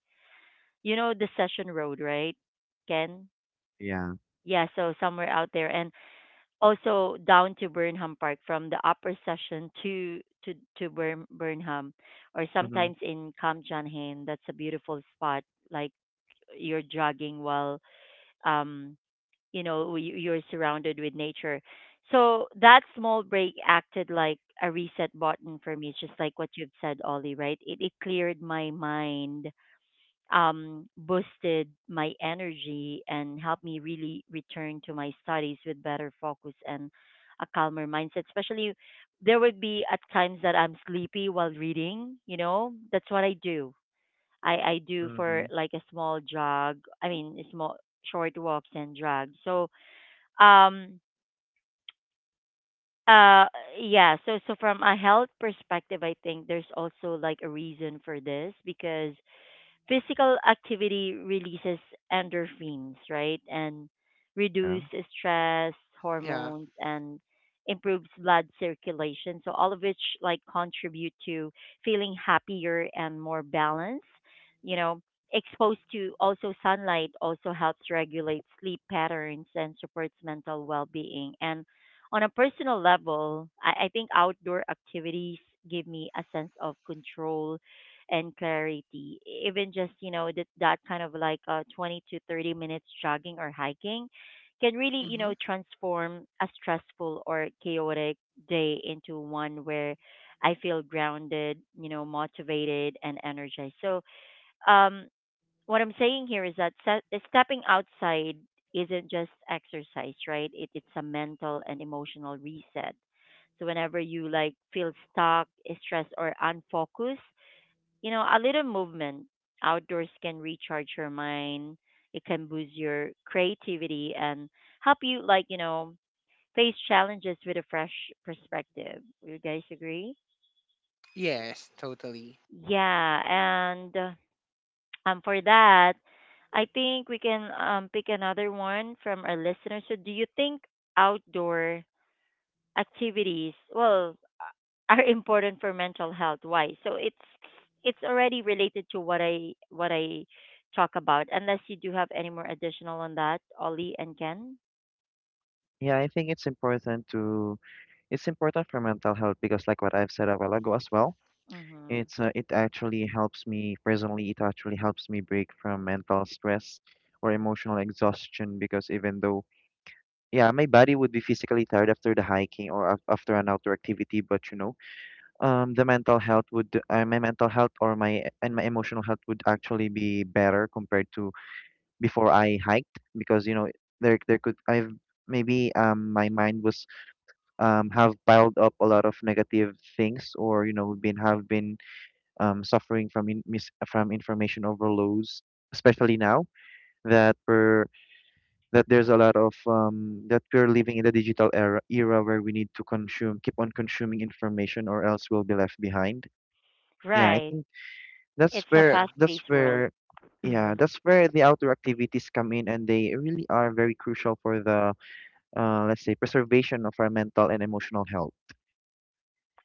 you know, the session road, right, Ken?
Yeah.
Yeah, so somewhere out there. And also down to Burnham Park from the upper session to Burnham, or
Mm-hmm.
sometimes in Kamjanhain, that's a beautiful spot, like, you're jogging while um you know you're surrounded with nature. So that small break acted like a reset button for me, just like what you've said, Ollie. Right, it cleared my mind, boosted my energy and helped me really return to my studies with better focus and a calmer mindset. Especially, there would be at times that I'm sleepy while reading. You know, that's what I do. I do
Mm-hmm.
for like a small jog. I mean, a small short walks and jog. So, um, uh, yeah. So, so from a health perspective, I think there's also like a reason for this, because physical activity releases endorphins, right? And
Yeah.
reduce stress
Yeah.
hormones and improves blood circulation. So all of which like contribute to feeling happier and more balanced. You know, exposed to also sunlight also helps regulate sleep patterns and supports mental well-being. And on a personal level, I think outdoor activities give me a sense of control and clarity. Even just, you know, that kind of like 20 to 30 minutes jogging or hiking can really, you
Mm-hmm.
know, transform a stressful or chaotic day into one where I feel grounded, you know, motivated and energized. So, um, what I'm saying here is that stepping outside isn't just exercise, right? It, it's a mental and emotional reset. So whenever you like feel stuck, stressed, or unfocused, you know, a little movement outdoors can recharge your mind. It can boost your creativity and help you, like, you know, face challenges with a fresh perspective. You guys agree?
Yes, totally.
Yeah. And for that, I think we can pick another one from our listeners. So, do you think outdoor activities, well, are important for mental health? Why? So it's already related to what I talk about, unless you do have any more additional on that, Ollie and Ken.
Yeah, I think it's important to it's important for mental health because like what I've said a while ago as well.
Hmm,
It actually helps me personally, it actually helps me break from mental stress or emotional exhaustion because even though, yeah, my body would be physically tired after the hiking or after an outdoor activity, but you know, the mental health would, my mental health or my and my emotional health would actually be better compared to before I hiked. Because you know, there could I've maybe my mind was have piled up a lot of negative things, or you know, been, have been suffering from in, mis from information overloads, especially now that we're that there's a lot of, that we're living in the digital era where we need to consume, keep on consuming information, or else we'll be left behind. Yeah, I
right.
think that's
It's a
where
Yeah.
fast
that's
paced world.
where yeah,
Mm.
that's where the outdoor activities come in, and they really are very crucial for the let's say preservation of our mental and emotional health.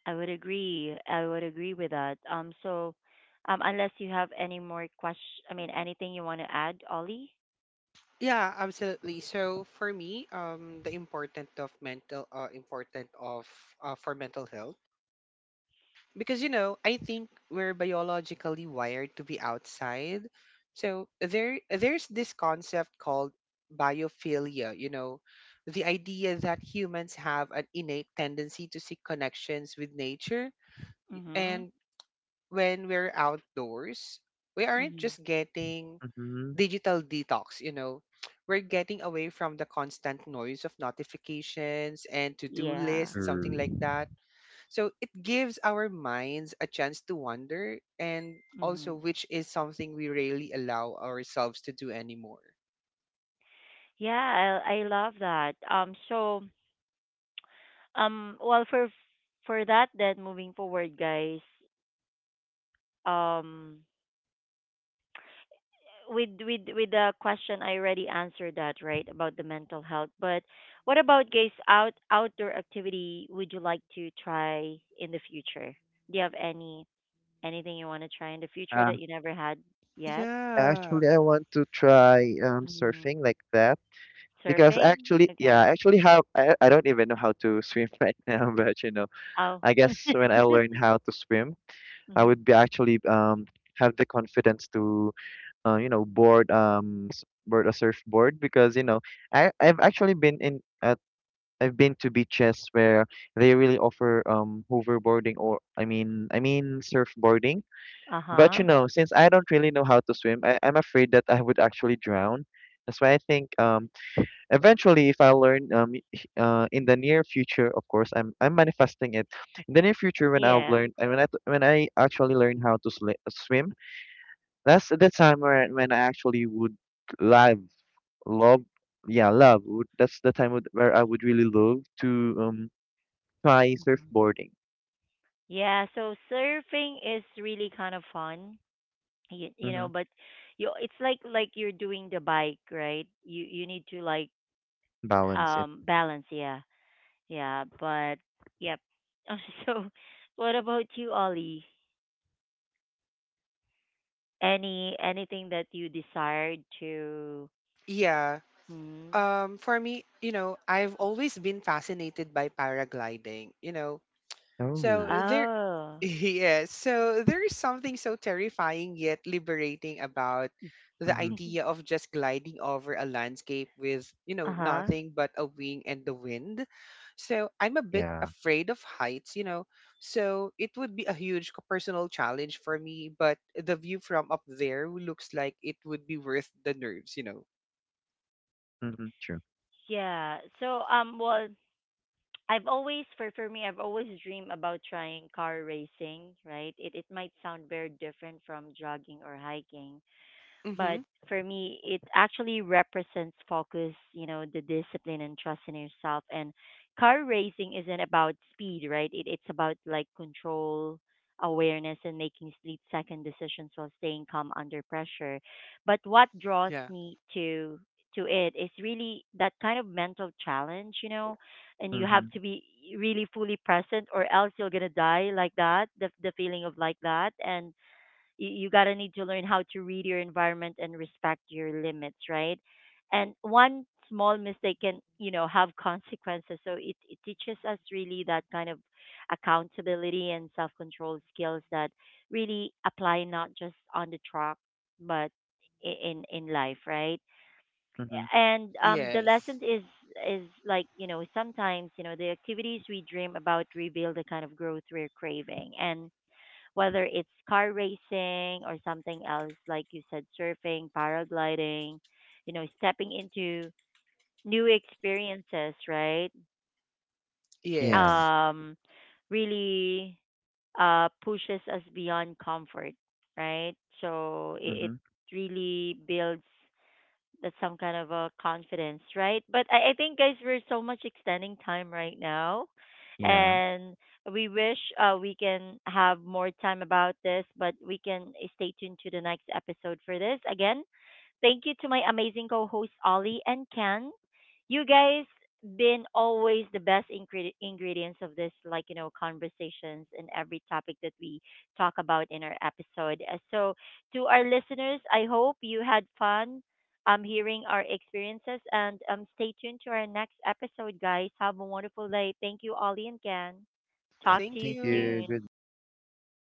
I would agree, I would agree with that. Um, so um, unless you have any more question, I mean anything you want to add, Ollie.
Yeah, absolutely. So for me, the important of mental, important of for mental health, because you know I think we're biologically wired to be outside. So there's this concept called biophilia, you know, the idea that humans have an innate tendency to seek connections with nature.
Mm-hmm.
And when we're outdoors, we aren't
Mm-hmm.
just getting
Hmm.
digital detox, you know, we're getting away from the constant noise of notifications and to-do
Yeah.
lists, something
Mm.
like that. So it gives our minds a chance to wonder, and also
Mm-hmm.
which is something we rarely allow ourselves to do anymore.
Yeah, I love that. Um, so um, well, for that, then moving forward, guys. Um, with the question, I already answered that, right, about the mental health. But what about guys? Out outdoor activity would you like to try in the future? Do you have any anything you want to try in the future
uh,
that you never had yet?
Yeah.
Actually, I want to try
Mm.
surfing like that, because
Surfing?
actually, yeah, I
Okay.
actually have I don't even know how to swim right now, but you know.
Oh.
I guess when I learn how to swim, I
Hmm.
would be actually have the confidence to you know, board board a surfboard, because you know, I I've actually been in at I've been to beaches where they really offer hoverboarding, or I mean surfboarding.
Uh
But you
huh.
know, since I don't really know how to swim, I'm afraid that I would actually drown. That's why I think eventually, if I learn in the near future, of course, I'm manifesting it, in the near future, when I've
Yeah.
learned, and when when I actually learn how to swim, that's the time where when I actually would live love yeah, that's the time where I would really love to try surfboarding.
Yeah, so surfing is really kind of fun. You
Mm-hmm.
know but, you, it's like you're doing the bike, right? You need to like
Balance it.
um, balance. Yeah, yeah. But yep. So what about you, Ollie? Any anything that you desired to?
Yeah.
Hmm.
Um, for me, you know, I've always been fascinated by paragliding. You know,
Oh.
so there,
Oh.
yes, so there is something so terrifying yet liberating about the
Mm-hmm.
idea of just gliding over a landscape with, you know,
Uh-huh.
nothing but a wing and the wind. So I'm a bit
Yeah.
afraid of heights, you know. So it would be a huge personal challenge for me, but the view from up there looks like it would be worth the nerves, you know.
Mm-hmm. True.
Yeah, so um, well, I've always, for me, I've always dreamed about trying car racing, right? It might sound very different from jogging or hiking. But
Mhm.
for me, it actually represents focus, you know, the discipline and trust in yourself. And car racing isn't about speed, right? It, it's about like control, awareness, and making split second decisions while staying calm under pressure. But what draws
Yeah.
me to it is really that kind of mental challenge, you know, and you have
Mm-hmm.
to be really fully present, or else you're gonna die like that, the feeling of like that. And you gotta need to learn how to read your environment and respect your limits, right? And one small mistake can, you know, have consequences. So it teaches us really that kind of accountability and self control skills that really apply not just on the track but in life, right?
Mm-hmm.
And the
Yes.
lesson is like you know sometimes, you know, the activities we dream about reveal the kind of growth we're craving. And whether it's car racing or something else, like you said, surfing, paragliding, you know, stepping into new experiences, right?
Yeah.
Yes.
Um, really pushes us beyond comfort, right? So it
Mm-hmm.
really builds that's some kind of a confidence, right? But I think, guys, we're so much extending time right now,
Yeah,
and we wish we can have more time about this, but we can stay tuned to the next episode for this. Again, thank you to my amazing co-hosts Ollie and Ken. You guys been always the best ingredients of this, like you know, conversations and every topic that we talk about in our episode. So to our listeners, I hope you had fun hearing our experiences and stay tuned to our next episode, guys. Have a wonderful day. Thank you, Ollie and Ken. Talk to
Thank
thank
you
you.
you,
soon.
goodbye.
Bye.